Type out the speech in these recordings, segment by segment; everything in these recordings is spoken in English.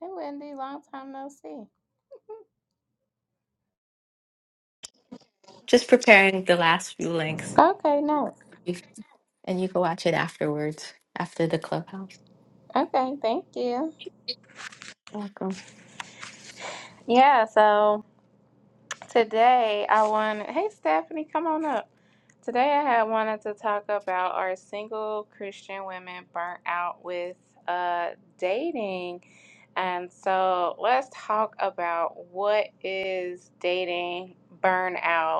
Hey, Wendy, long time no see. Just preparing the last few links, Okay, nice. and you can watch it afterwards after the clubhouse. Okay, thank you. Welcome. Yeah, so today I wanted, hey, Stephanie, come on up. Today I had wanted to talk about are single Christian women burnt out with uh, dating? And so let's talk about what is dating burnout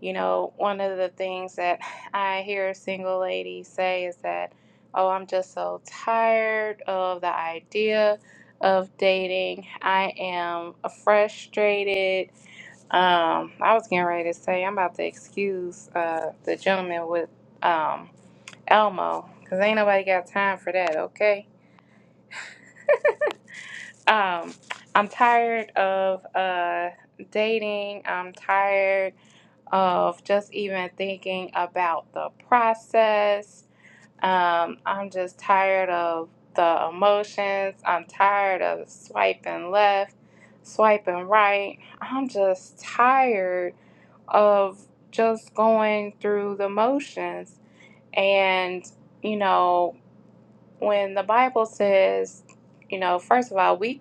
You know, one of the things that I hear single ladies say is that, oh, I'm just so tired of the idea of dating. I am frustrated. Um, I was getting ready to say, I'm about to excuse uh, the gentleman with um, Elmo, because ain't nobody got time for that, okay? Um, I'm tired of uh, dating. I'm tired of just even thinking about the process. Um, I'm just tired of the emotions. I'm tired of swiping left, swiping right. I'm just tired of just going through the motions. And, you know, when the Bible says, you know, first of all, we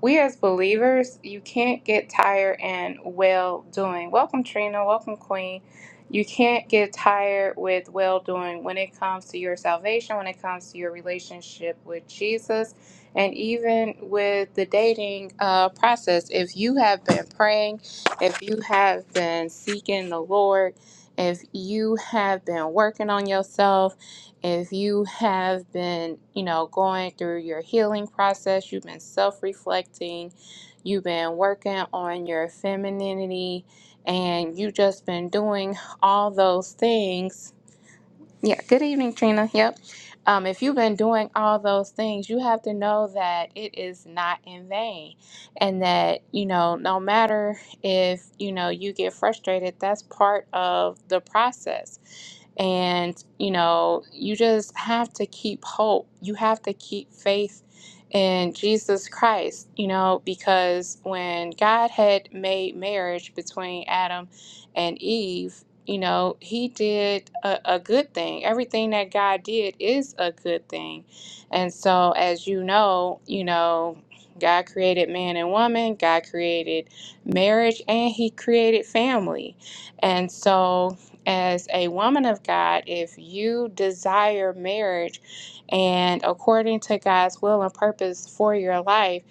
we as believers, you can't get tired and well doing. Welcome, Trina. Welcome, Queen. You can't get tired with well doing when it comes to your salvation, when it comes to your relationship with Jesus, and even with the dating uh, process. If you have been praying, if you have been seeking the Lord, if you have been working on yourself, if you have been, you know, going through your healing process, you've been self reflecting, you've been working on your femininity, and you've just been doing all those things yeah, good evening, Trina. Yep. Um, if you've been doing all those things, you have to know that it is not in vain. And that, you know, no matter if, you know, you get frustrated, that's part of the process. And, you know, you just have to keep hope. You have to keep faith in Jesus Christ, you know, because when God had made marriage between Adam and Eve, you know, he did a, a good thing. Everything that God did is a good thing. And so, as you know, you know, God created man and woman, God created marriage, and he created family. And so, as a woman of God, if you desire marriage and according to God's will and purpose for your life,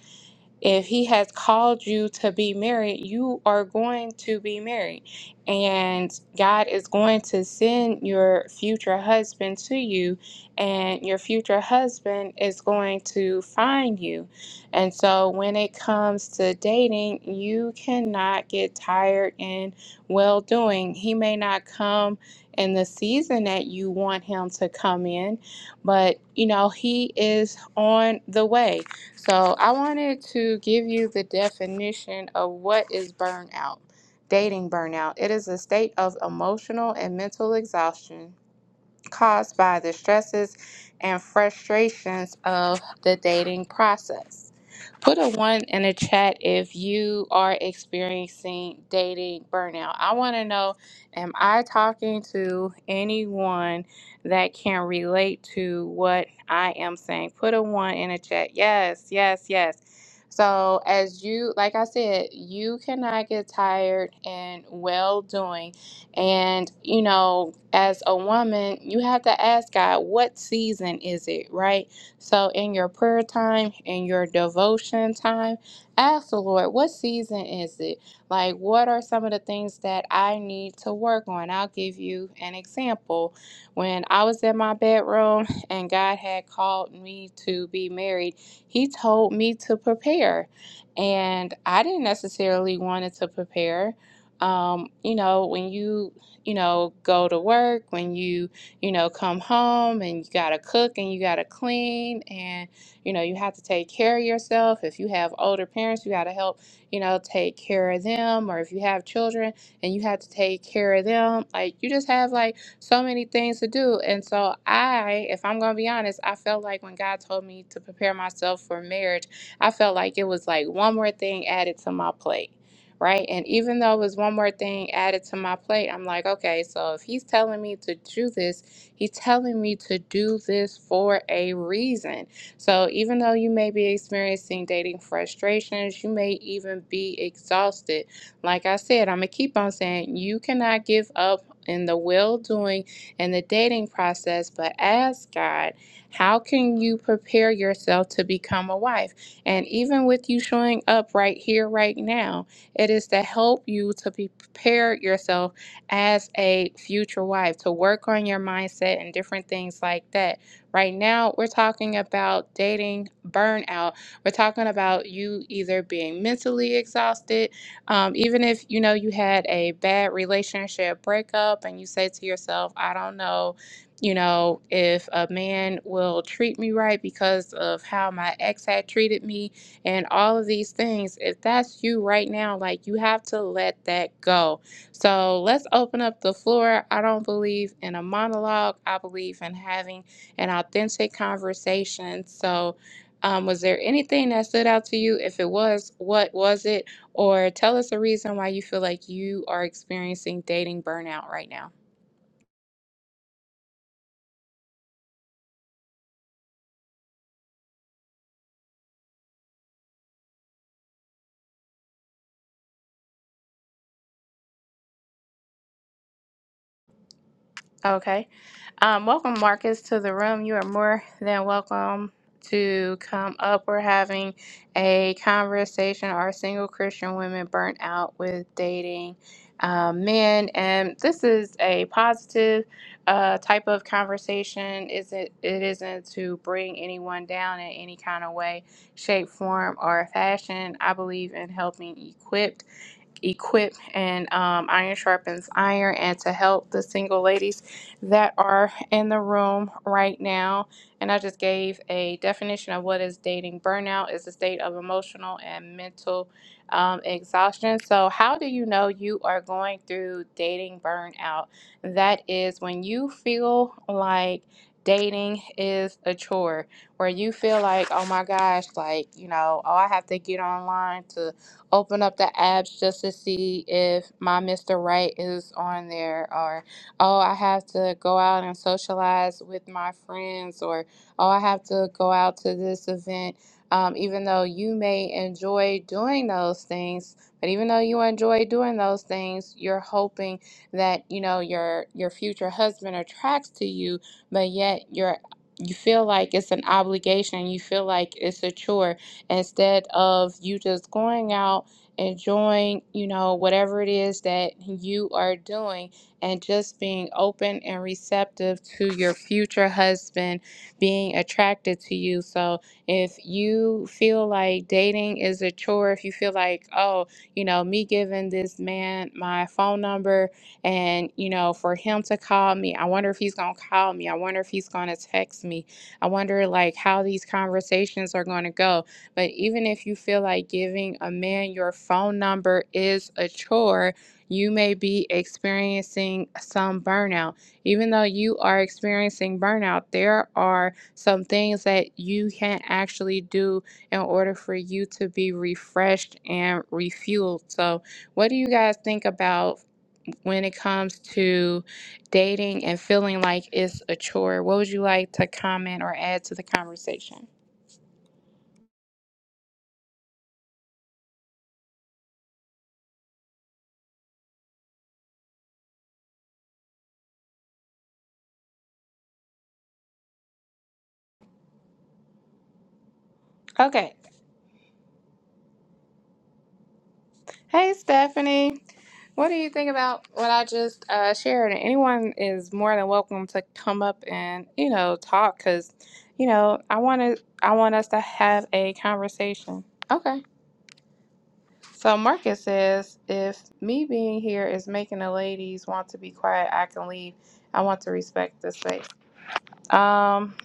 if he has called you to be married, you are going to be married and God is going to send your future husband to you, and your future husband is going to find you. And so, when it comes to dating, you cannot get tired in well doing. He may not come in the season that you want him to come in, but you know, he is on the way. So, I wanted to give you the definition of what is burnout Dating burnout. It is a state of emotional and mental exhaustion caused by the stresses and frustrations of the dating process. Put a one in the chat if you are experiencing dating burnout. I want to know am I talking to anyone that can relate to what I am saying? Put a one in the chat. Yes, yes, yes. So, as you, like I said, you cannot get tired and well doing. And, you know, as a woman, you have to ask God, what season is it, right? So, in your prayer time, in your devotion time, ask the Lord, what season is it? Like, what are some of the things that I need to work on? I'll give you an example. When I was in my bedroom and God had called me to be married, He told me to prepare. And I didn't necessarily want to prepare. Um, you know, when you, you know, go to work, when you you know, come home and you got to cook and you got to clean and, you know, you have to take care of yourself. If you have older parents, you got to help, you know, take care of them. Or if you have children and you have to take care of them, like you just have like so many things to do. And so I, if I'm going to be honest, I felt like when God told me to prepare myself for marriage, I felt like it was like one more thing added to my plate. Right. And even though it was one more thing added to my plate, I'm like, okay, so if he's telling me to do this, He's telling me to do this for a reason. So even though you may be experiencing dating frustrations, you may even be exhausted. Like I said, I'm going to keep on saying you cannot give up in the well doing and the dating process, but ask God, how can you prepare yourself to become a wife? And even with you showing up right here, right now, it is to help you to be prepared yourself as a future wife to work on your mindset and different things like that. Right now, we're talking about dating burnout. We're talking about you either being mentally exhausted, um, even if you know you had a bad relationship breakup and you say to yourself, I don't know. You know, if a man will treat me right because of how my ex had treated me, and all of these things, if that's you right now, like you have to let that go so let's open up the floor. I don't believe in a monologue, I believe in having an authentic conversation. So, um, was there anything that stood out to you? If it was, what was it? Or tell us a reason why you feel like you are experiencing dating burnout right now. Okay. Um, welcome, Marcus, to the room. You are more than welcome to come up. We're having a conversation. Are single Christian women burnt out with dating uh, men? And this is a positive uh, type of conversation. Is it? It isn't to bring anyone down in any kind of way, shape, form, or fashion. I believe in helping equipped, equip and um, iron sharpens iron and to help the single ladies that are in the room right now. And I just gave a definition of what is dating burnout is a state of emotional and mental um, exhaustion. So, how do you know you are going through dating burnout? That is when you feel like dating is a chore, where you feel like, oh my gosh, like, you know, oh, I have to get online to open up the apps just to see if my Mr. Right is on there or oh, I have to go out and socialize with my friends, or oh, I have to go out to this event. Um, even though you may enjoy doing those things, but even though you enjoy doing those things, you're hoping that you know your your future husband attracts to you, but yet you're you feel like it's an obligation. You feel like it's a chore instead of you just going out enjoying you know whatever it is that you are doing and just being open and receptive to your future husband being attracted to you. So if you feel like dating is a chore, if you feel like, oh, you know, me giving this man my phone number and, you know, for him to call me, I wonder if he's going to call me. I wonder if he's going to text me. I wonder, like, how these conversations are going to go. But even if you feel like giving a man your phone number is a chore, you may be experiencing some burnout. Even though you are experiencing burnout, there are some things that you can actually do in order for you to be refreshed and refueled. So, what do you guys think about when it comes to dating and feeling like it's a chore? What would you like to comment or add to the conversation? Okay, Hey, Stephanie. What do you think about what I just uh, shared? And Anyone is more than welcome to come up and you know talk because you know I want to I want us to have a conversation. Okay. So Marcus says, if me being here is making the ladies want to be quiet, I can leave. I want to respect the space. Um,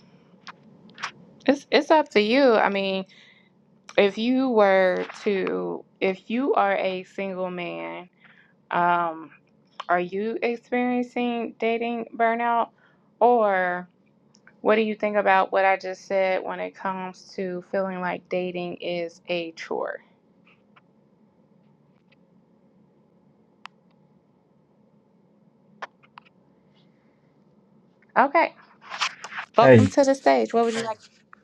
it's it's up to you. I mean, if you were to, if you are a single man, um. Are you experiencing dating burnout? Or what do you think about what I just said when it comes to feeling like dating is a chore? Okay, Hey, welcome to the stage. What would you like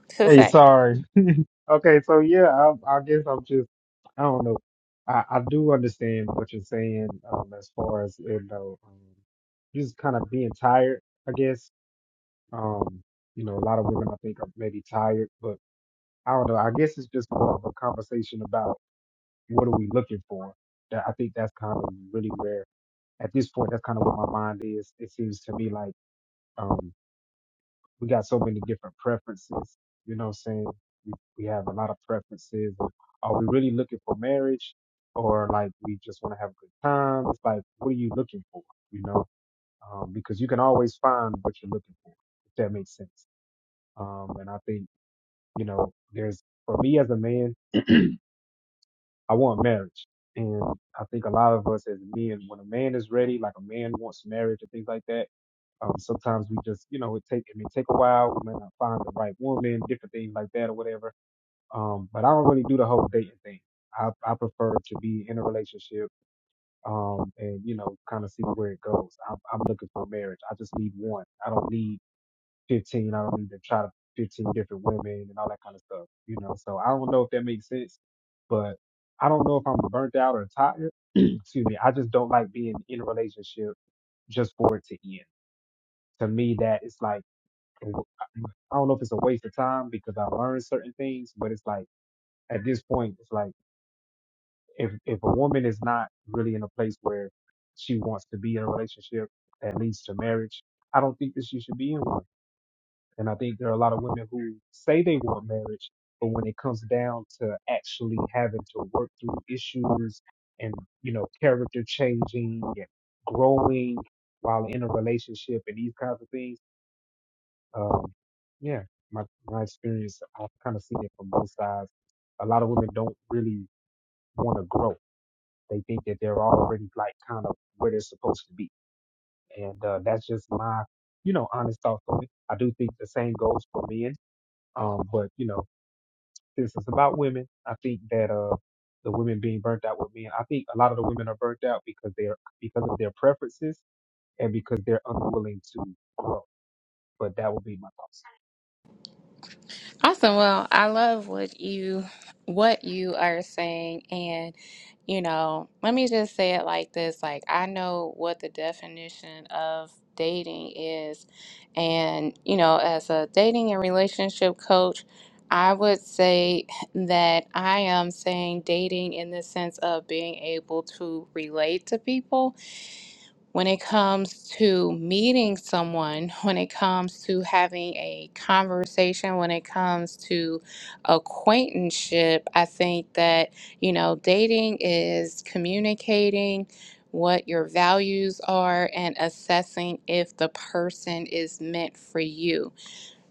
to hey, say? sorry. Okay, so yeah, I, I guess I'm just, I don't know. I, I do understand what you're saying, um, as far as, you know, um, just kind of being tired, I guess. Um, you know, a lot of women I think are maybe tired, but I don't know. I guess it's just more of a conversation about what are we looking for. That I think that's kind of really where, at this point, that's kind of what my mind is. It seems to me like, um, we got so many different preferences. You know what I'm saying? We, we have a lot of preferences. Are we really looking for marriage or like we just want to have a good time? It's like, what are you looking for? You know, um, because you can always find what you're looking for, if that makes sense. Um, and I think, you know, there's, for me as a man, I want marriage. And I think a lot of us as men, when a man is ready, like a man wants marriage and things like that, um, sometimes we just, you know, it take it may take a while. We may not find the right woman, different things like that or whatever. Um, but I don't really do the whole dating thing. I, I prefer to be in a relationship um, and, you know, kind of see where it goes. I'm, I'm looking for marriage. I just need one. I don't need 15 on to try to 15 different women and all that kind of stuff, you know. So I don't know if that makes sense, but I don't know if I'm burnt out or tired. Excuse me. I just don't like being in a relationship just for it to end. To me, that it's like, I don't know if it's a waste of time because I learned certain things, but it's like at this point, it's like if, if a woman is not really in a place where she wants to be in a relationship that leads to marriage, I don't think that she should be in one And I think there are a lot of women who say they want marriage, but when it comes down to actually having to work through issues and, you know, character changing and growing while in a relationship and these kinds of things, um, yeah, my, my experience, I've kind of seen it from both sides. A lot of women don't really want to grow. They think that they're already like kind of where they're supposed to be. And uh, that's just my, you know, honest thoughts on it. I do think the same goes for men. Um, but you know, since it's about women, I think that uh the women being burnt out with men, I think a lot of the women are burnt out because they're because of their preferences and because they're unwilling to grow. But that would be my thoughts. Awesome. Well, I love what you what you are saying and you know, let me just say it like this. Like I know what the definition of dating is and you know, as a dating and relationship coach, I would say that I am saying dating in the sense of being able to relate to people when it comes to meeting someone, when it comes to having a conversation, when it comes to acquaintanceship, I think that, you know, dating is communicating what your values are and assessing if the person is meant for you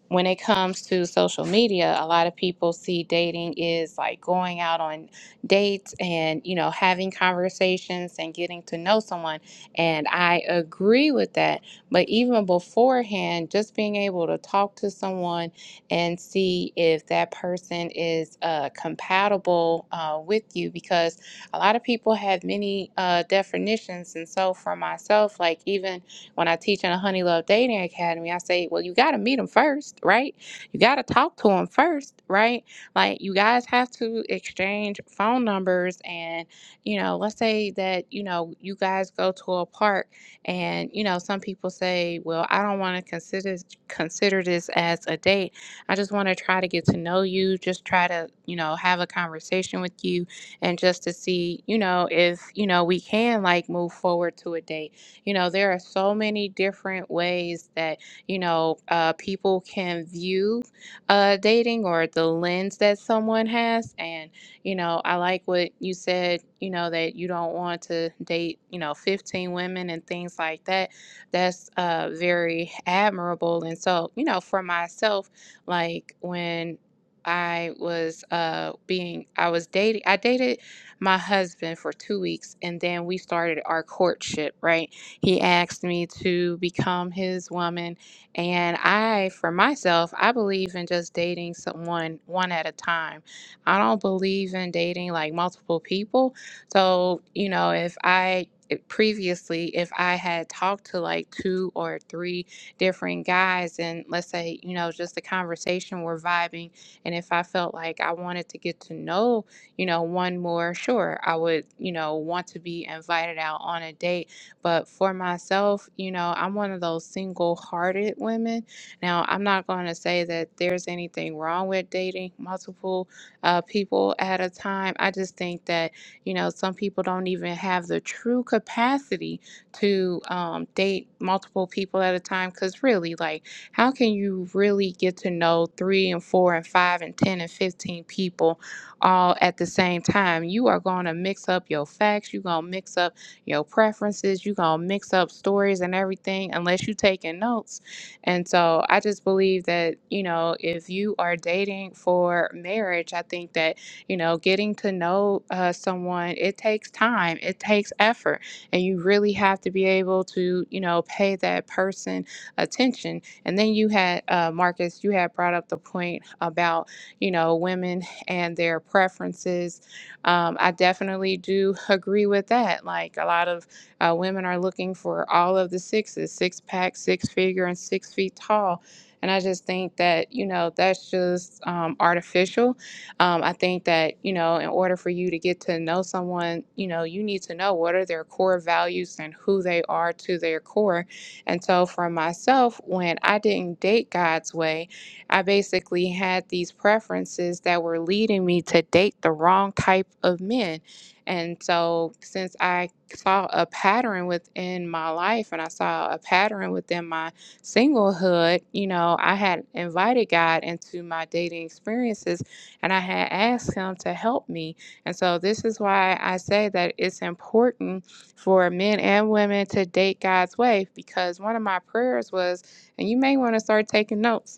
when it comes to social media, a lot of people see dating is like going out on dates and, you know, having conversations and getting to know someone. And I agree with that. But even beforehand, just being able to talk to someone and see if that person is uh, compatible uh, with you, because a lot of people have many uh, definitions. And so for myself, like even when I teach in a Honey Love Dating Academy, I say, well, you got to meet them first, right? You got to talk to them first, right? Like, you guys have to exchange phone numbers. And, you know, let's say that, you know, you guys go to a park and, you know, some people say, well, I don't want to consider, consider this as a date. I just want to try to get to know you, just try to, you know, have a conversation with you and just to see, you know, if, you know, we can like move forward to a date you know, there are so many different ways that, you know, uh, people can view uh, dating or the lens that someone has. And, you know, I like what you said, you know, that you don't want to date, you know, 15 women and things like that. That's uh, very admirable. And so, you know, for myself, like when I was uh, being, I was dating, I dated my husband for two weeks and then we started our courtship, right? He asked me to become his woman. And I, for myself, I believe in just dating someone one at a time. I don't believe in dating like multiple people. So, you know, if I eh, previously, if I had talked to like two or three different guys, and let's say, you know, just the conversation, we're vibing, and if I felt like I wanted to get to know, you know, one more, sure, I would, you know, want to be invited out on a date but for myself, you know, I'm one of those single hearted women. Now, I'm not going to say that there's anything wrong with dating multiple uh, people at a time. I just think that, you know, some people don't even have the true capacity to um, date multiple people at a time. Because really, like, how can you really get to know three and four and five and 10 and 15 people all at the same time? You are going to mix up your facts, you're going to mix up your preferences. You gonna mix up stories and everything unless you taking notes. And so I just believe that you know if you are dating for marriage, I think that you know getting to know uh, someone it takes time, it takes effort, and you really have to be able to you know pay that person attention. And then you had uh, Marcus, you had brought up the point about you know women and their preferences um, I definitely do agree with that. Like a lot of uh, women are looking for all of the sixes, six pack, six figure, and six feet tall. And I just think that, you know, that's just um, artificial. Um, I think that, you know, in order for you to get to know someone, you know, you need to know what are their core values and who they are to their core. And so for myself, when I didn't date God's way, I basically had these preferences that were leading me to date the wrong type of men. And so, since I saw a pattern within my life and I saw a pattern within my singlehood, you know, I had invited God into my dating experiences and I had asked Him to help me. And so, this is why I say that it's important for men and women to date God's way because one of my prayers was, and you may want to start taking notes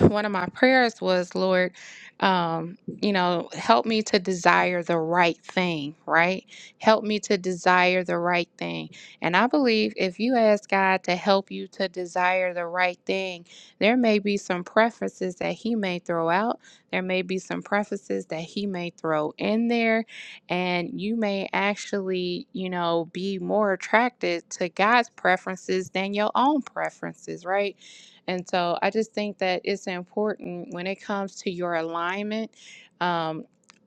one of my prayers was, Lord, um, you know, help me to desire the right thing, right? Help me to desire the right thing. And I believe if you ask God to help you to desire the right thing, there may be some preferences that He may throw out. There may be some preferences that He may throw in there. And you may actually, you know, be more attracted to God's preferences than your own preferences, right? And so I just think that it's important when it comes to your alignment, um,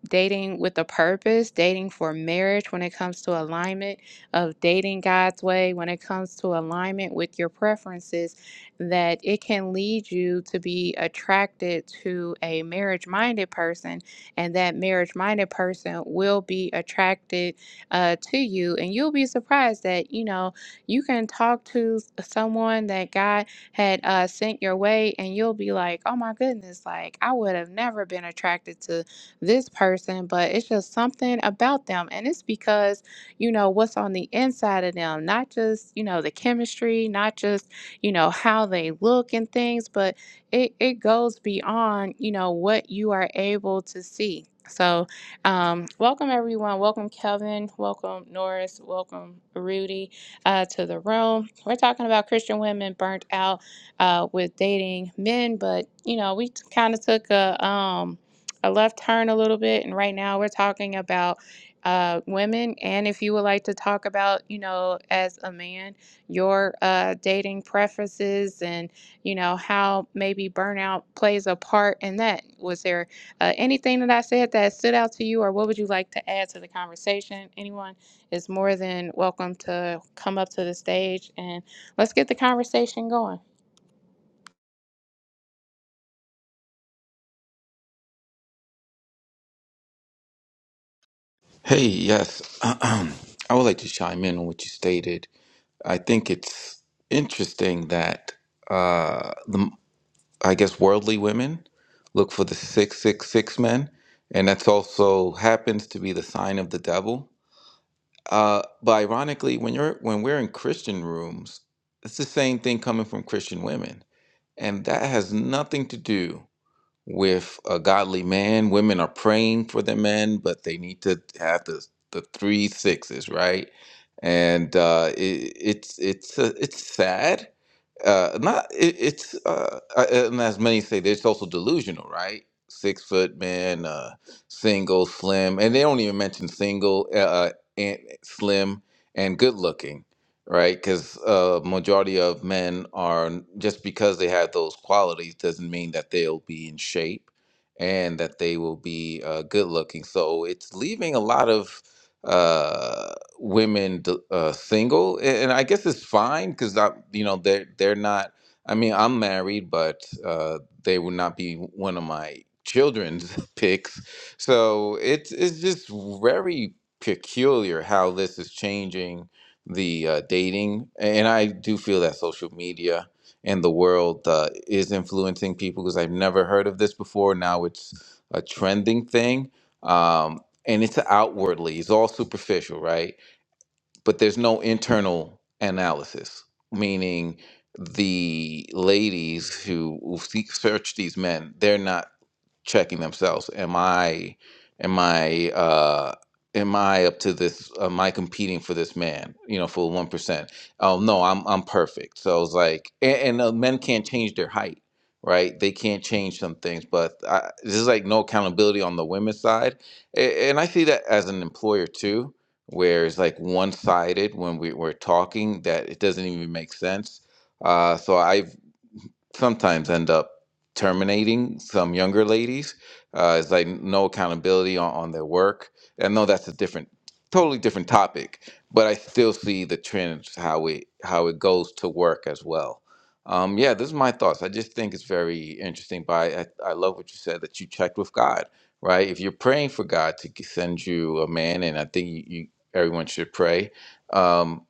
dating with a purpose, dating for marriage, when it comes to alignment of dating God's way, when it comes to alignment with your preferences, that it can lead you to be attracted to a marriage minded person, and that marriage minded person will be attracted uh, to you. And you'll be surprised that, you know, you can talk to someone that God had uh, sent your way, and you'll be like, oh my goodness, like I would have never been attracted to this person, but it's just something about them. And it's because, you know, what's on the inside of them, not just, you know, the chemistry, not just, you know, how they look and things, but it, it goes beyond, you know, what you are able to see. So, um, welcome everyone. Welcome Kelvin. Welcome Norris. Welcome Rudy uh, to the room. We're talking about Christian women burnt out uh, with dating men, but you know, we kind of took a um, a left turn a little bit, and right now we're talking about uh, women. And if you would like to talk about, you know, as a man, your uh, dating preferences and you know how maybe burnout plays a part in that. Was there uh, anything that I said that stood out to you, or what would you like to add to the conversation? Anyone is more than welcome to come up to the stage and. Let's get the conversation going. Hey, yes. I would like to chime in on what you stated. I think it's interesting that uh, the, I guess worldly women look for the 666 men, and that's also happens to be the sign of the devil. Uh, but ironically, when you're when we're in Christian rooms, it's the same thing coming from Christian women, and that has nothing to do with a godly man. Women are praying for the men, but they need to have the the three sixes, right? And uh, it, it's it's uh, it's sad. Uh, not it, it's uh, uh, and as many say, it's also delusional, right? Six foot men, uh, single, slim, and they don't even mention single, uh, uh, and slim, and good looking right? Because uh, majority of men are just because they have those qualities doesn't mean that they'll be in shape and that they will be uh, good looking. So it's leaving a lot of uh, women d- uh, single, a- and I guess it's fine because you know they're they're not. I mean, I'm married, but uh, they would not be one of my children's picks. So it's it's just very peculiar how this is changing the uh, dating, and I do feel that social media and the world uh, is influencing people because I've never heard of this before. Now it's a trending thing, um, and it's outwardly, it's all superficial, right? But there's no internal analysis, meaning the ladies who, who seek, search these men, they're not checking themselves am i am i uh am i up to this am i competing for this man you know for 1% oh no i'm i'm perfect so it's like and, and uh, men can't change their height right they can't change some things but I, this is like no accountability on the women's side A- and i see that as an employer too where it's like one-sided when we, we're talking that it doesn't even make sense uh, so I sometimes end up terminating some younger ladies uh, is like no accountability on, on their work and no that's a different totally different topic but i still see the trends how it how it goes to work as well um, yeah this is my thoughts i just think it's very interesting but I, I, I love what you said that you checked with god right if you're praying for god to g- send you a man and i think you, you everyone should pray um,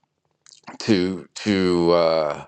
to to uh,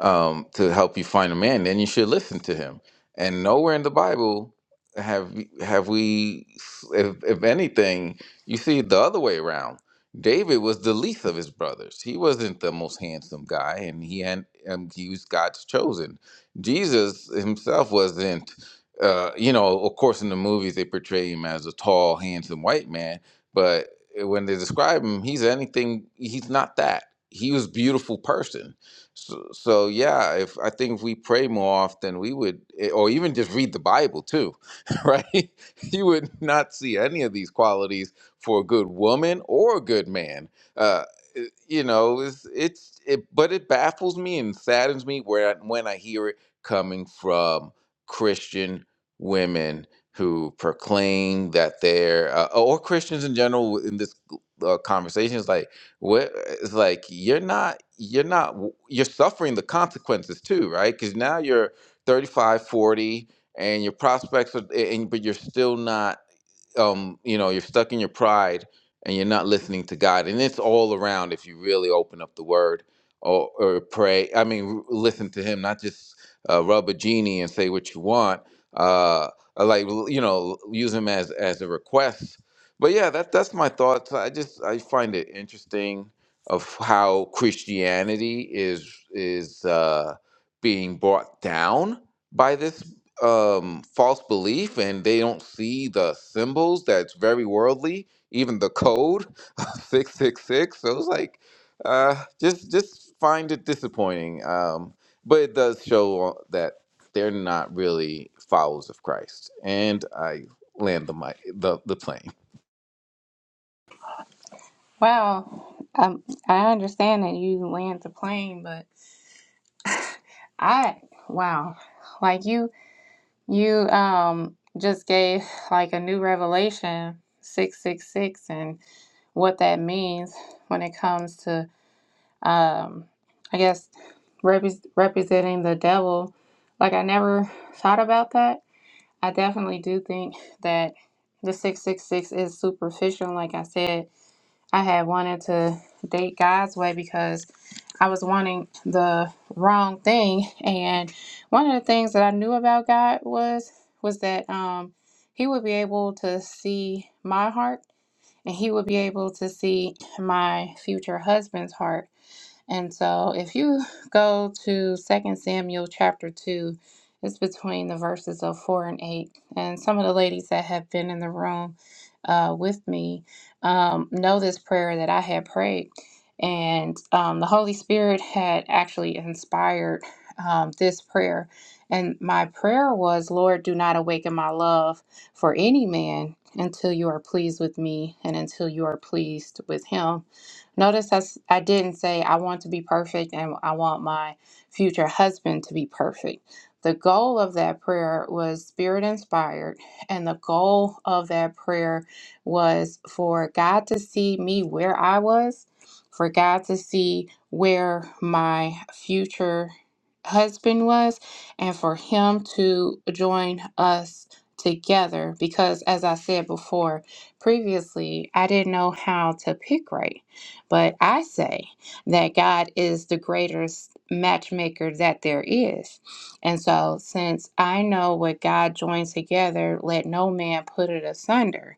um, to help you find a man, then you should listen to him. And nowhere in the Bible have have we, if, if anything, you see it the other way around. David was the least of his brothers. He wasn't the most handsome guy, and he had um, he was God's chosen. Jesus himself wasn't. Uh, you know, of course, in the movies they portray him as a tall, handsome white man, but when they describe him, he's anything. He's not that. He was a beautiful person so, so yeah, if I think if we pray more often, we would, eh, or even just read the Bible too, right? You would not see any of these qualities for a good woman or a good man. Uh, eh, you know, it's, it's it, but it baffles me and saddens me where when I hear it coming from Christian women who proclaim that they're uh, or Christians in general in this uh, conversation is like where it's like you're not you're not you're suffering the consequences too right because now you're five, forty, and your prospects are and but you're still not um, you know, you're stuck in your pride and you're not listening to God. And it's all around if you really open up the Word or, or pray. I mean, r- listen to Him, not just uh, rub a genie and say what you want. Uh, like you know, use Him as as a request. But yeah, that that's my thoughts. I just I find it interesting of how Christianity is is uh, being brought down by this um false belief and they don't see the symbols that's very worldly even the code 666 so it's like uh just just find it disappointing um but it does show that they're not really followers of christ and i land the mic the, the plane Wow, um, I understand that you land the plane, but I wow, like you you um just gave like a new revelation six six six and what that means when it comes to. um, I guess repre- representing the devil. Like I never thought about that. I definitely do think that the 666 is superficial. Like I said, I had wanted to date God's way because I was wanting the wrong thing. And one of the things that I knew about God was was that um, he would be able to see my heart and he would be able to see my future husband's heart and so if you go to Second Samuel chapter 2, it's between the verses of 4 and 8. And some of the ladies that have been in the room uh, with me um, know this prayer that I had prayed. And um, the Holy Spirit had actually inspired um, this prayer. And my prayer was, Lord, do not awaken my love for any man until you are pleased with me and until you are pleased with him. Notice I, s- I didn't say I want to be perfect and I want my future husband to be perfect. The goal of that prayer was spirit inspired, and the goal of that prayer was for God to see me where I was, for God to see where my future husband was, and for Him to join us together. Because, as I said before previously, I didn't know how to pick right. But I say that God is the greatest matchmaker that there is. And so, since I know what God joins together, let no man put it asunder.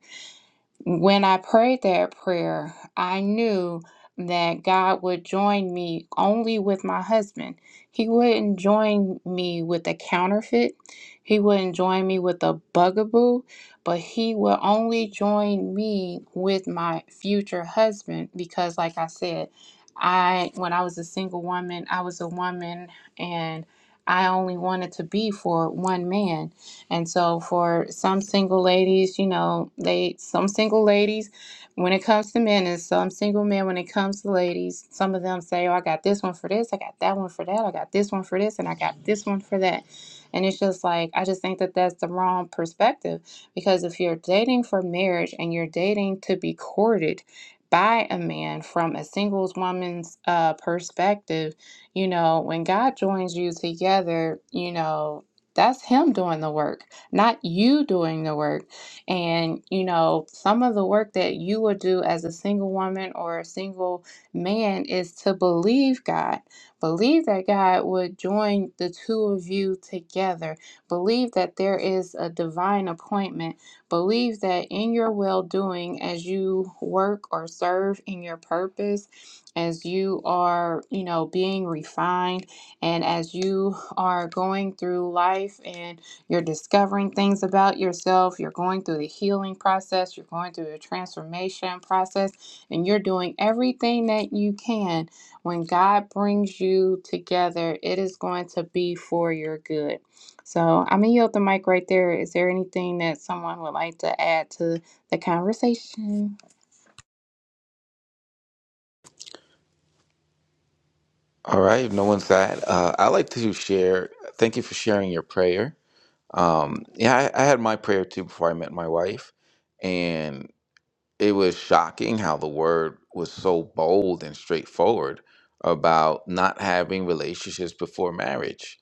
When I prayed that prayer, I knew that God would join me only with my husband. He wouldn't join me with a counterfeit. He wouldn't join me with a bugaboo, but he will only join me with my future husband because like I said, I when I was a single woman, I was a woman and I only wanted to be for one man. And so for some single ladies, you know, they some single ladies when it comes to men and some single men when it comes to ladies, some of them say, "Oh, I got this one for this, I got that one for that, I got this one for this, and I got this one for that." And it's just like I just think that that's the wrong perspective because if you're dating for marriage and you're dating to be courted by a man from a singles woman's uh, perspective, you know, when God joins you together, you know, that's him doing the work, not you doing the work. And, you know, some of the work that you will do as a single woman or a single man is to believe God. Believe that God would join the two of you together. Believe that there is a divine appointment. Believe that in your well doing, as you work or serve in your purpose, as you are, you know, being refined and as you are going through life and you're discovering things about yourself, you're going through the healing process, you're going through the transformation process, and you're doing everything that you can, when God brings you together, it is going to be for your good. So I'm going to yield the mic right there. Is there anything that someone would like to add to the conversation? all right if no one's sad uh i like to share thank you for sharing your prayer um yeah I, I had my prayer too before i met my wife and it was shocking how the word was so bold and straightforward about not having relationships before marriage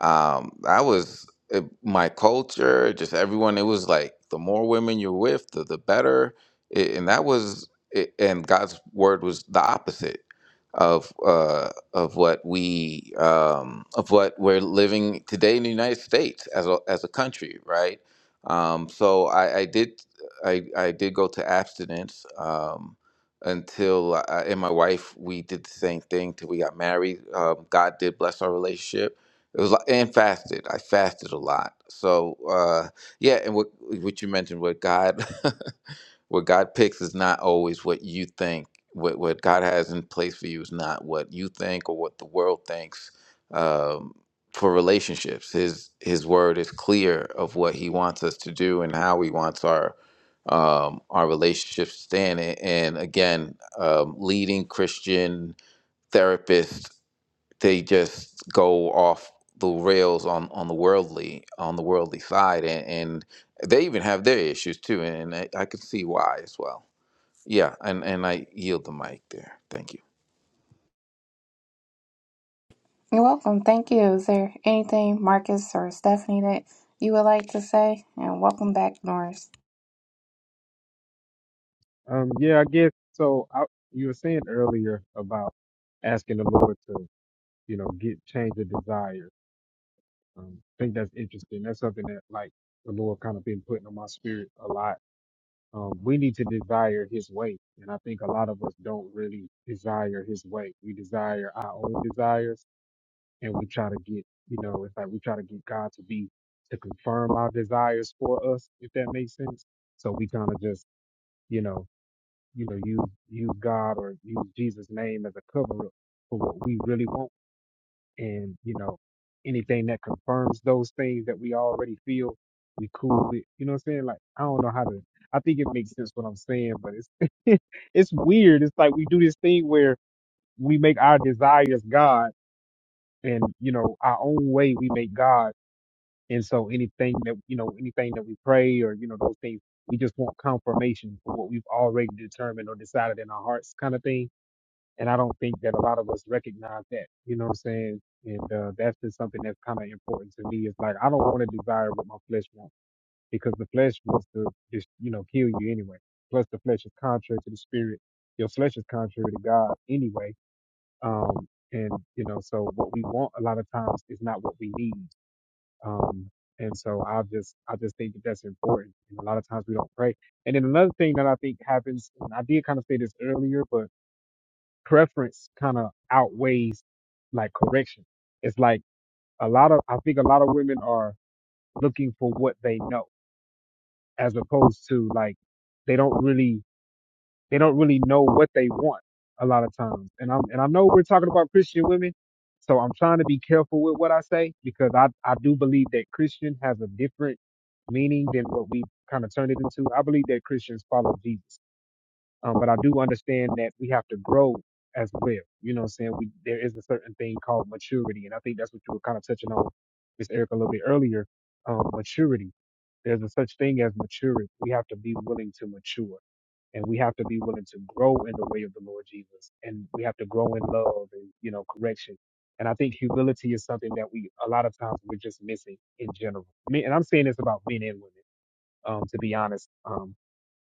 um i was it, my culture just everyone it was like the more women you're with the, the better it, and that was it, and god's word was the opposite of uh of what we um of what we're living today in the united states as a as a country right um so i i did i i did go to abstinence um until I, and my wife we did the same thing till we got married um god did bless our relationship it was like and fasted. I fasted a lot. So uh, yeah, and what what you mentioned, what God, what God picks is not always what you think. What what God has in place for you is not what you think or what the world thinks. Um, for relationships, His His word is clear of what He wants us to do and how He wants our um, our relationships to stand. And and again, um, leading Christian therapists they just go off the rails on on the worldly on the worldly side and, and they even have their issues too and I, I can see why as well yeah and and i yield the mic there thank you You're welcome. Thank you. Is there anything, Marcus or Stephanie, that you would like to say? And welcome back, Norris. Um, yeah, I guess so. I, you were saying earlier about asking the Lord to, you know, get change the desire. Um, I think that's interesting. That's something that like the Lord kind of been putting on my spirit a lot Um, we need to desire his way. And I think a lot of us don't really desire his way. We desire our own desires and we try to get, you know, it's like we try to get God to be, to confirm our desires for us, if that makes sense. So we kind of just, you know, you know, use, use God or use Jesus' name as a cover up for what we really want and you know anything that confirms those things that we already feel we cool with you know what i'm saying like i don't know how to i think it makes sense what i'm saying but it's it's weird it's like we do this thing where we make our desires god and you know our own way we make god and so anything that you know anything that we pray or you know those things we just want confirmation for what we've already determined or decided in our hearts kind of thing and I don't think that a lot of us recognize that. You know what I'm saying? And uh, that's just something that's kind of important to me. It's like I don't want to desire what my flesh wants because the flesh wants to just you know kill you anyway. Plus, the flesh is contrary to the spirit. Your flesh is contrary to God anyway. Um, and you know, so what we want a lot of times is not what we need. Um, and so I just I just think that that's important. And a lot of times we don't pray. And then another thing that I think happens, and I did kind of say this earlier, but preference kind of outweighs like correction. It's like a lot of, I think a lot of women are looking for what they know as opposed to like, they don't really, they don't really know what they want a lot of times. And I'm, and I know we're talking about Christian women. So I'm trying to be careful with what I say because I, I do believe that Christian has a different meaning than what we kind of turned it into. I believe that Christians follow Jesus. Um, but I do understand that we have to grow as well. You know what I'm saying? We, there is a certain thing called maturity. And I think that's what you were kind of touching on, Miss Erica, a little bit earlier. Um, maturity. There's a such thing as maturity. We have to be willing to mature and we have to be willing to grow in the way of the Lord Jesus, and we have to grow in love and you know correction. And I think humility is something that we a lot of times we're just missing in general. Me- And I'm saying this about men and women, um, to be honest, um,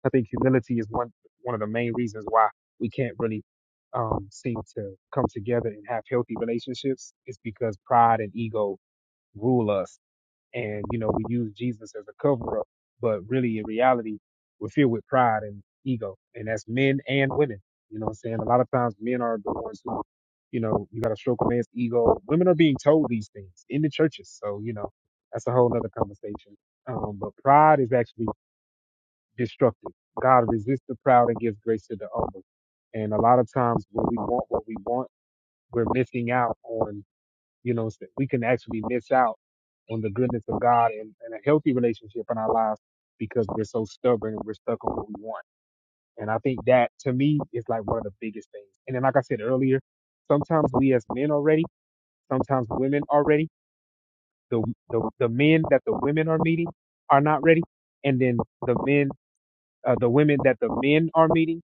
I think humility is one one of the main reasons why we can't really um, seem to come together and have healthy relationships. It's because pride and ego rule us, and you know we use Jesus as a cover up, but really in reality we're filled with pride and ego, and that's men and women. You know what I'm saying? A lot of times men are the ones who, you know, you got to stroke a man's ego. Women are being told these things in the churches, so you know that's a whole other conversation. Um, but pride is actually destructive. God resists the proud and gives grace to the humble. And a lot of times when we want what we want, we're missing out on, you know, so we can actually miss out on the goodness of God and, and a healthy relationship in our lives because we're so stubborn and we're stuck on what we want. And I think that to me is like one of the biggest things. And then, like I said earlier, sometimes we as men already, sometimes women already, the, the, the men that the women are meeting are not ready. And then the men uh, the women that the men are meeting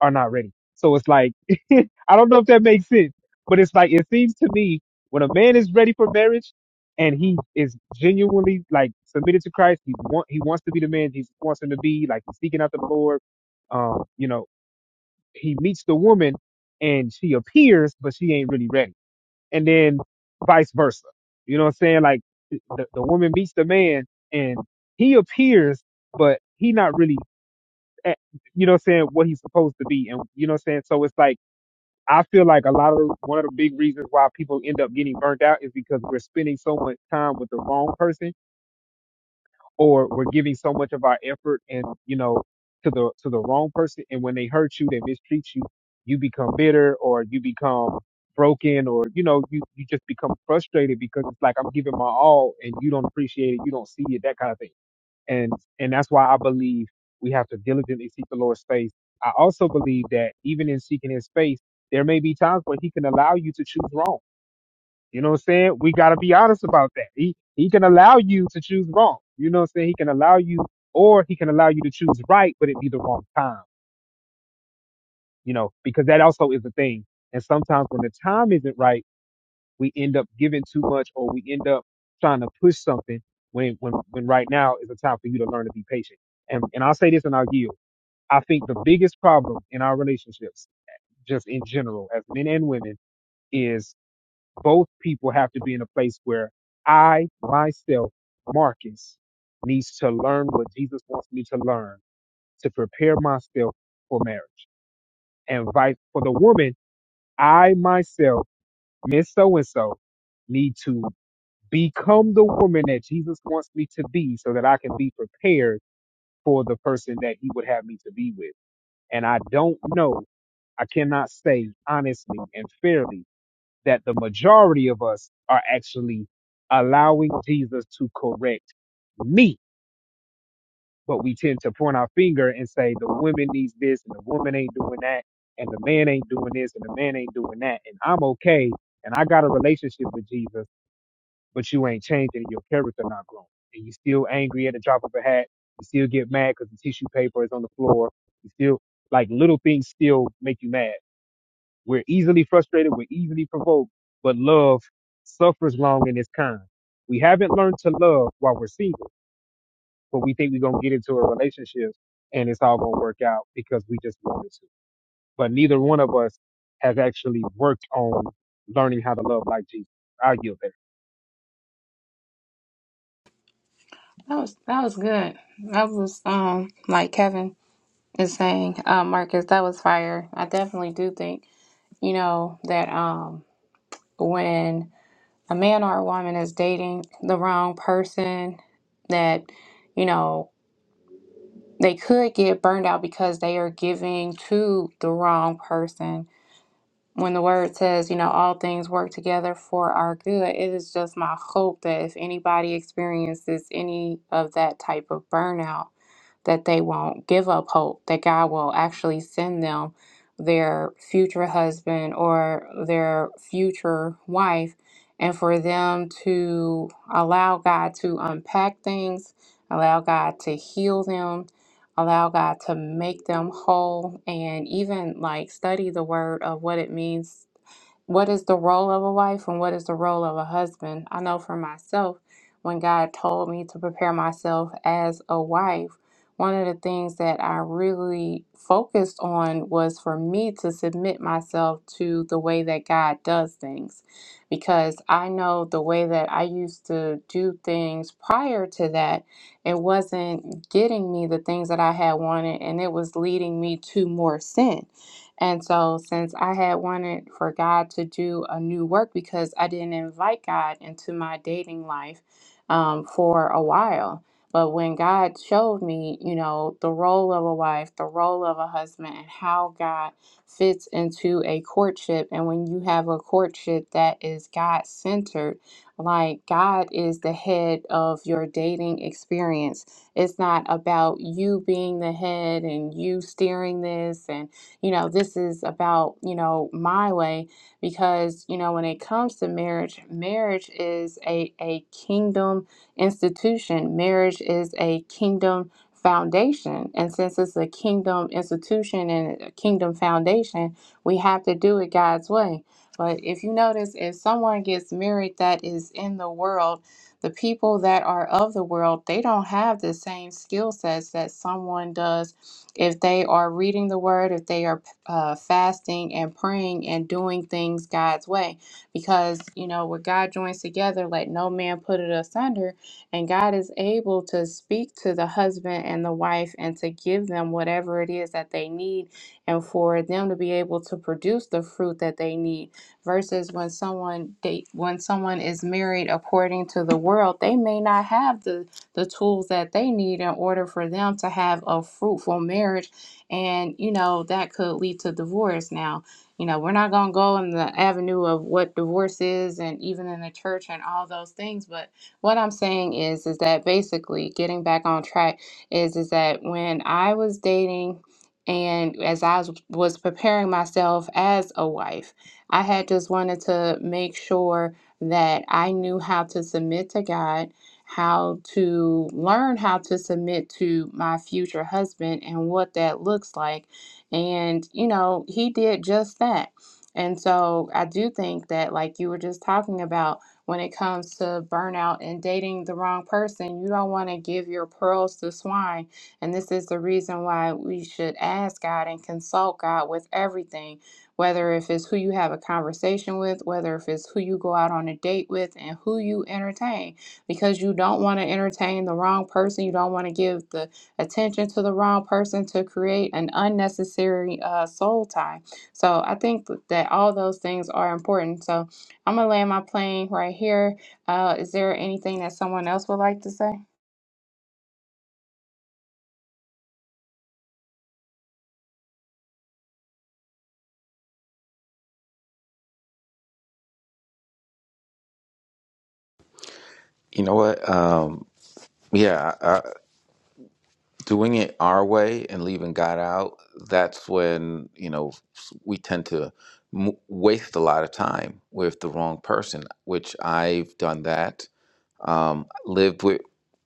are not ready. So it's like, I don't know if that makes sense, but it's like, it seems to me when a man is ready for marriage and he is genuinely like submitted to Christ, he want, he wants to be the man he wants him to be, like he's seeking out the Lord. Um, you know, he meets the woman and she appears, but she ain't really ready. And then vice versa. You know what I'm saying? Like the, the woman meets the man and he appears, but he not really at, you know what I'm saying, what he's supposed to be. And you know what I'm saying? So it's like I feel like a lot of one of the big reasons why people end up getting burnt out is because we're spending so much time with the wrong person or we're giving so much of our effort and you know to the to the wrong person and when they hurt you, they mistreat you, you become bitter or you become broken or you know you you just become frustrated because it's like I'm giving my all and you don't appreciate it, you don't see it, that kind of thing and and that's why I believe we have to diligently seek the Lord's face. I also believe that even in seeking His face, there may be times where He can allow you to choose wrong. You know what I'm saying? We got to be honest about that. He He can allow you to choose wrong. You know what I'm saying? He can allow you, or He can allow you to choose right, but it be the wrong time. You know, because that also is a thing. And sometimes when the time isn't right, we end up giving too much, or we end up trying to push something when when when right now is a time for you to learn to be patient. And and I'll say this and I'll yield I think the biggest problem in our relationships, just in general, as men and women, is both people have to be in a place where I, myself, Marcus, needs to learn what Jesus wants me to learn to prepare myself for marriage. And vice for the woman, I, myself, Miss So and so, need to become the woman that Jesus wants me to be so that I can be prepared for the person that he would have me to be with. And I don't know, I cannot say honestly and fairly that the majority of us are actually allowing Jesus to correct me. But we tend to point our finger and say the woman needs this and the woman ain't doing that and the man ain't doing this and the man ain't doing that. And I'm okay and I got a relationship with Jesus, but you ain't changing and your character not growing. And you still angry at the drop of a hat. You still get mad because the tissue paper is on the floor. You still like little things still make you mad. We're easily frustrated. We're easily provoked. But love suffers long and is kind. We haven't learned to love while we're single, but we think we're going to get into a relationship and it's all going to work out because we just wanted to. But neither one of us has actually worked on learning how to love like Jesus. I yield there. That was that was good. That was um like Kevin is saying, uh, Marcus, that was fire. I definitely do think you know that um when a man or a woman is dating the wrong person, that you know they could get burned out because they are giving to the wrong person when the word says, you know, all things work together for our good, it is just my hope that if anybody experiences any of that type of burnout, that they won't give up hope, that God will actually send them their future husband or their future wife, and for them to allow God to unpack things, allow God to heal them, allow God to make them whole, and even like study the word of what it means. What is the role of a wife and what is the role of a husband? I know for myself, when God told me to prepare myself as a wife, one of the things that I really focused on was for me to submit myself to the way that God does things. Because I know the way that I used to do things prior to that, it wasn't getting me the things that I had wanted, and it was leading me to more sin. And so, since I had wanted for God to do a new work because I didn't invite God into my dating life um, for a while, but when God showed me, you know, the role of a wife, the role of a husband, and how God fits into a courtship, and when you have a courtship that is God centered, like God is the head of your dating experience. It's not about you being the head and you steering this, and, you know, this is about, you know, my way. Because, you know, when it comes to marriage, marriage is a, a kingdom institution. Marriage is a kingdom foundation. And since it's a kingdom institution and a kingdom foundation, we have to do it God's way. But if you notice, if someone gets married that is in the world, the people that are of the world, they don't have the same skill sets that someone does if they are reading the word, if they are uh, fasting and praying and doing things God's way. Because, you know, what God joins together, let no man put it asunder and God is able to speak to the husband and the wife and to give them whatever it is that they need and for them to be able to produce the fruit that they need versus when someone date when someone is married according to the world they may not have the the tools that they need in order for them to have a fruitful marriage and you know that could lead to divorce now you know we're not going to go in the avenue of what divorce is and even in the church and all those things but what I'm saying is is that basically getting back on track is is that when I was dating and as I was was preparing myself as a wife, I had just wanted to make sure that I knew how to submit to God, how to learn how to submit to my future husband and what that looks like. And, you know, he did just that. And so I do think that, like you were just talking about, when it comes to burnout and dating the wrong person. You don't want to give your pearls to swine. And this is the reason why we should ask God and consult God with everything, whether if it's who you have a conversation with, whether if it's who you go out on a date with, and who you entertain. Because you don't want to entertain the wrong person. You don't want to give the attention to the wrong person to create an unnecessary uh, soul tie. So I think that all those things are important. So I'm gonna land my plane right here. Uh, is there anything that someone else would like to say? you know what um yeah uh, doing it our way and leaving god out that's when you know we tend to m- waste a lot of time with the wrong person which i've done that um, lived with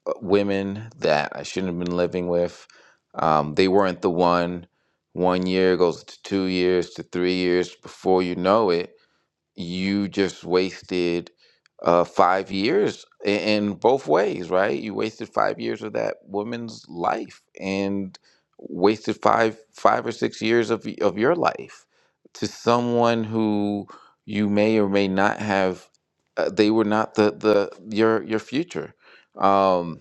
uh, women that I shouldn't have been living with. Um, they weren't the one. One year goes to two years to three years before you know it you just wasted uh, five years in, in both ways, right? You wasted five years of that woman's life and wasted five five or six years of y- of your life to someone who you may or may not have. Uh, they were not the the your your future. Um,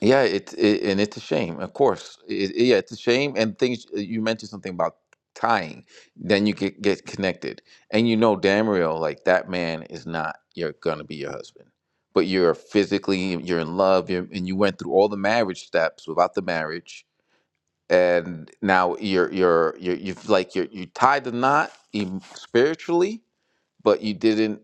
yeah, it, it and it's a shame, of course. It, it- yeah, it's a shame. And things uh, you mentioned something about tying. Then you get get connected, and you know damn real, like that man is not you're gonna be your husband, but you're physically you're in love, you're, and you went through all the marriage steps without the marriage, and now you're you're you're you've like you're you tied the knot em- spiritually, but you didn't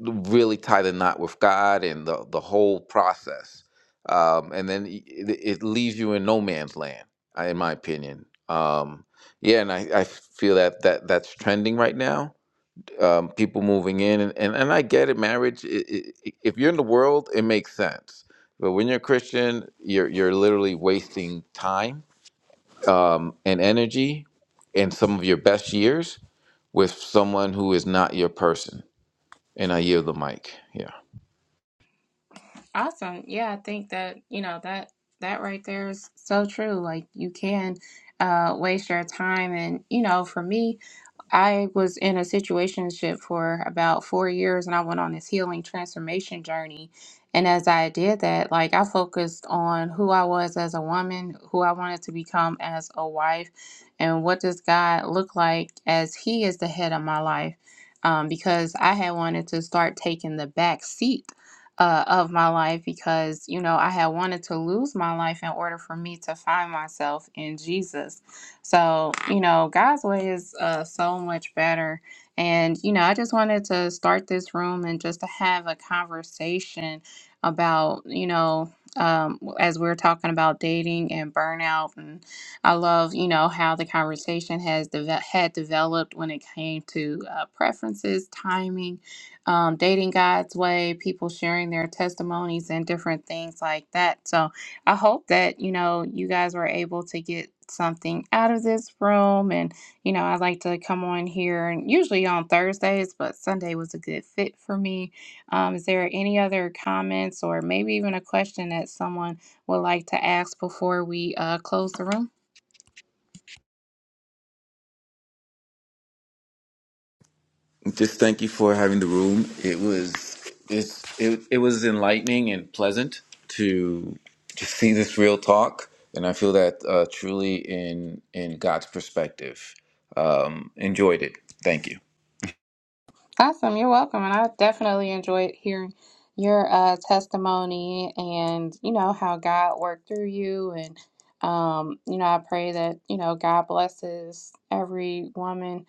really tie the knot with God and the, the whole process. Um, and then y- it, it leaves you in no man's land, I- in my opinion. Um, yeah, and I, I feel that, that that's trending right now. Um, people moving in, and, and, and I get it. Marriage, i i if you're in the world, it makes sense. But when you're a Christian, you're you're literally wasting time um, and energy and some of your best years with someone who is not your person. And I yield the mic. Yeah. Awesome. Yeah, I think that you know that that right there is so true. Like you can uh, waste your time, and you know, for me, I was in a situationship for about four years and I went on this healing transformation journey. And as I did that, like I focused on who I was as a woman, who I wanted to become as a wife, and what does God look like as He is the head of my life. Um, because I had wanted to start taking the back seat uh, of my life because, you know, I had wanted to lose my life in order for me to find myself in Jesus. So, you know, God's way is uh, so much better. And, you know, I just wanted to start this room and just to have a conversation about, you know, um, as we are talking about dating and burnout, and I love, you know, how the conversation has deve- had developed when it came to uh, preferences, timing, um, dating God's way, people sharing their testimonies and different things like that. So, I hope that, you know, you guys were able to get something out of this room. And, you know, I like to come on here and usually on Thursdays, but Sunday was a good fit for me. Um, is there any other comments or maybe even a question that someone would like to ask before we uh, close the room? Just thank you for having the room. It was it's, it it was enlightening and pleasant to just see this real talk, and I feel that uh, truly in in God's perspective. Um, enjoyed it. Thank you. Awesome. You're welcome. And I definitely enjoyed hearing your uh, testimony and, you know, how God worked through you. And, um, you know, I pray that, you know, God blesses every woman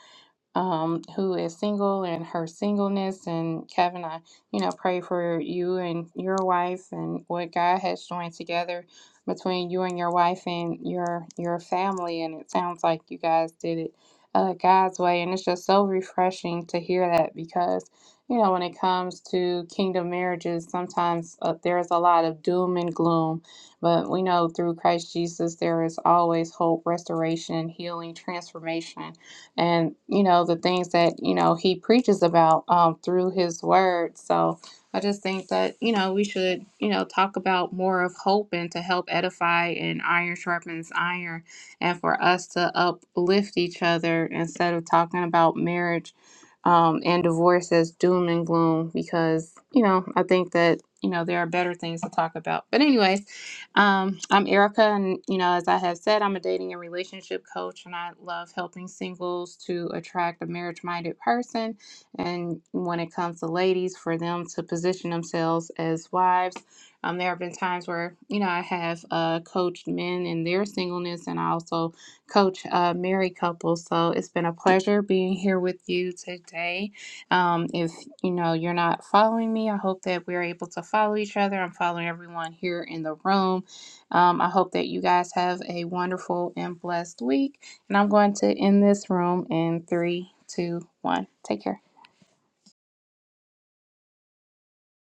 um, who is single and her singleness. And Kevin, I, you know, pray for you and your wife and what God has joined together between you and your wife and your your family. And it sounds like you guys did it uh, God's way, and it's just so refreshing to hear that because. You know, when it comes to kingdom marriages, sometimes uh, there's a lot of doom and gloom, but we know through Christ Jesus there is always hope, restoration, healing, transformation and you know the things that you know he preaches about um, through his word so i just think that you know we should you know talk about more of hope and to help edify and iron sharpens iron and for us to uplift each other instead of talking about marriage um, and divorce as doom and gloom because you know i think that you know there are better things to talk about but anyways um, I'm Erica, and you know, as I have said, I'm a dating and relationship coach, and I love helping singles to attract a marriage minded person. And when it comes to ladies, for them to position themselves as wives. Um, there have been times where you know I have uh, coached men in their singleness, and I also coach uh, married couples. So it's been a pleasure being here with you today. Um, if you know you're not following me, I hope that we're able to follow each other. I'm following everyone here in the room um, I hope that you guys have a wonderful and blessed week. And I'm going to end this room in three, two, one. Take care.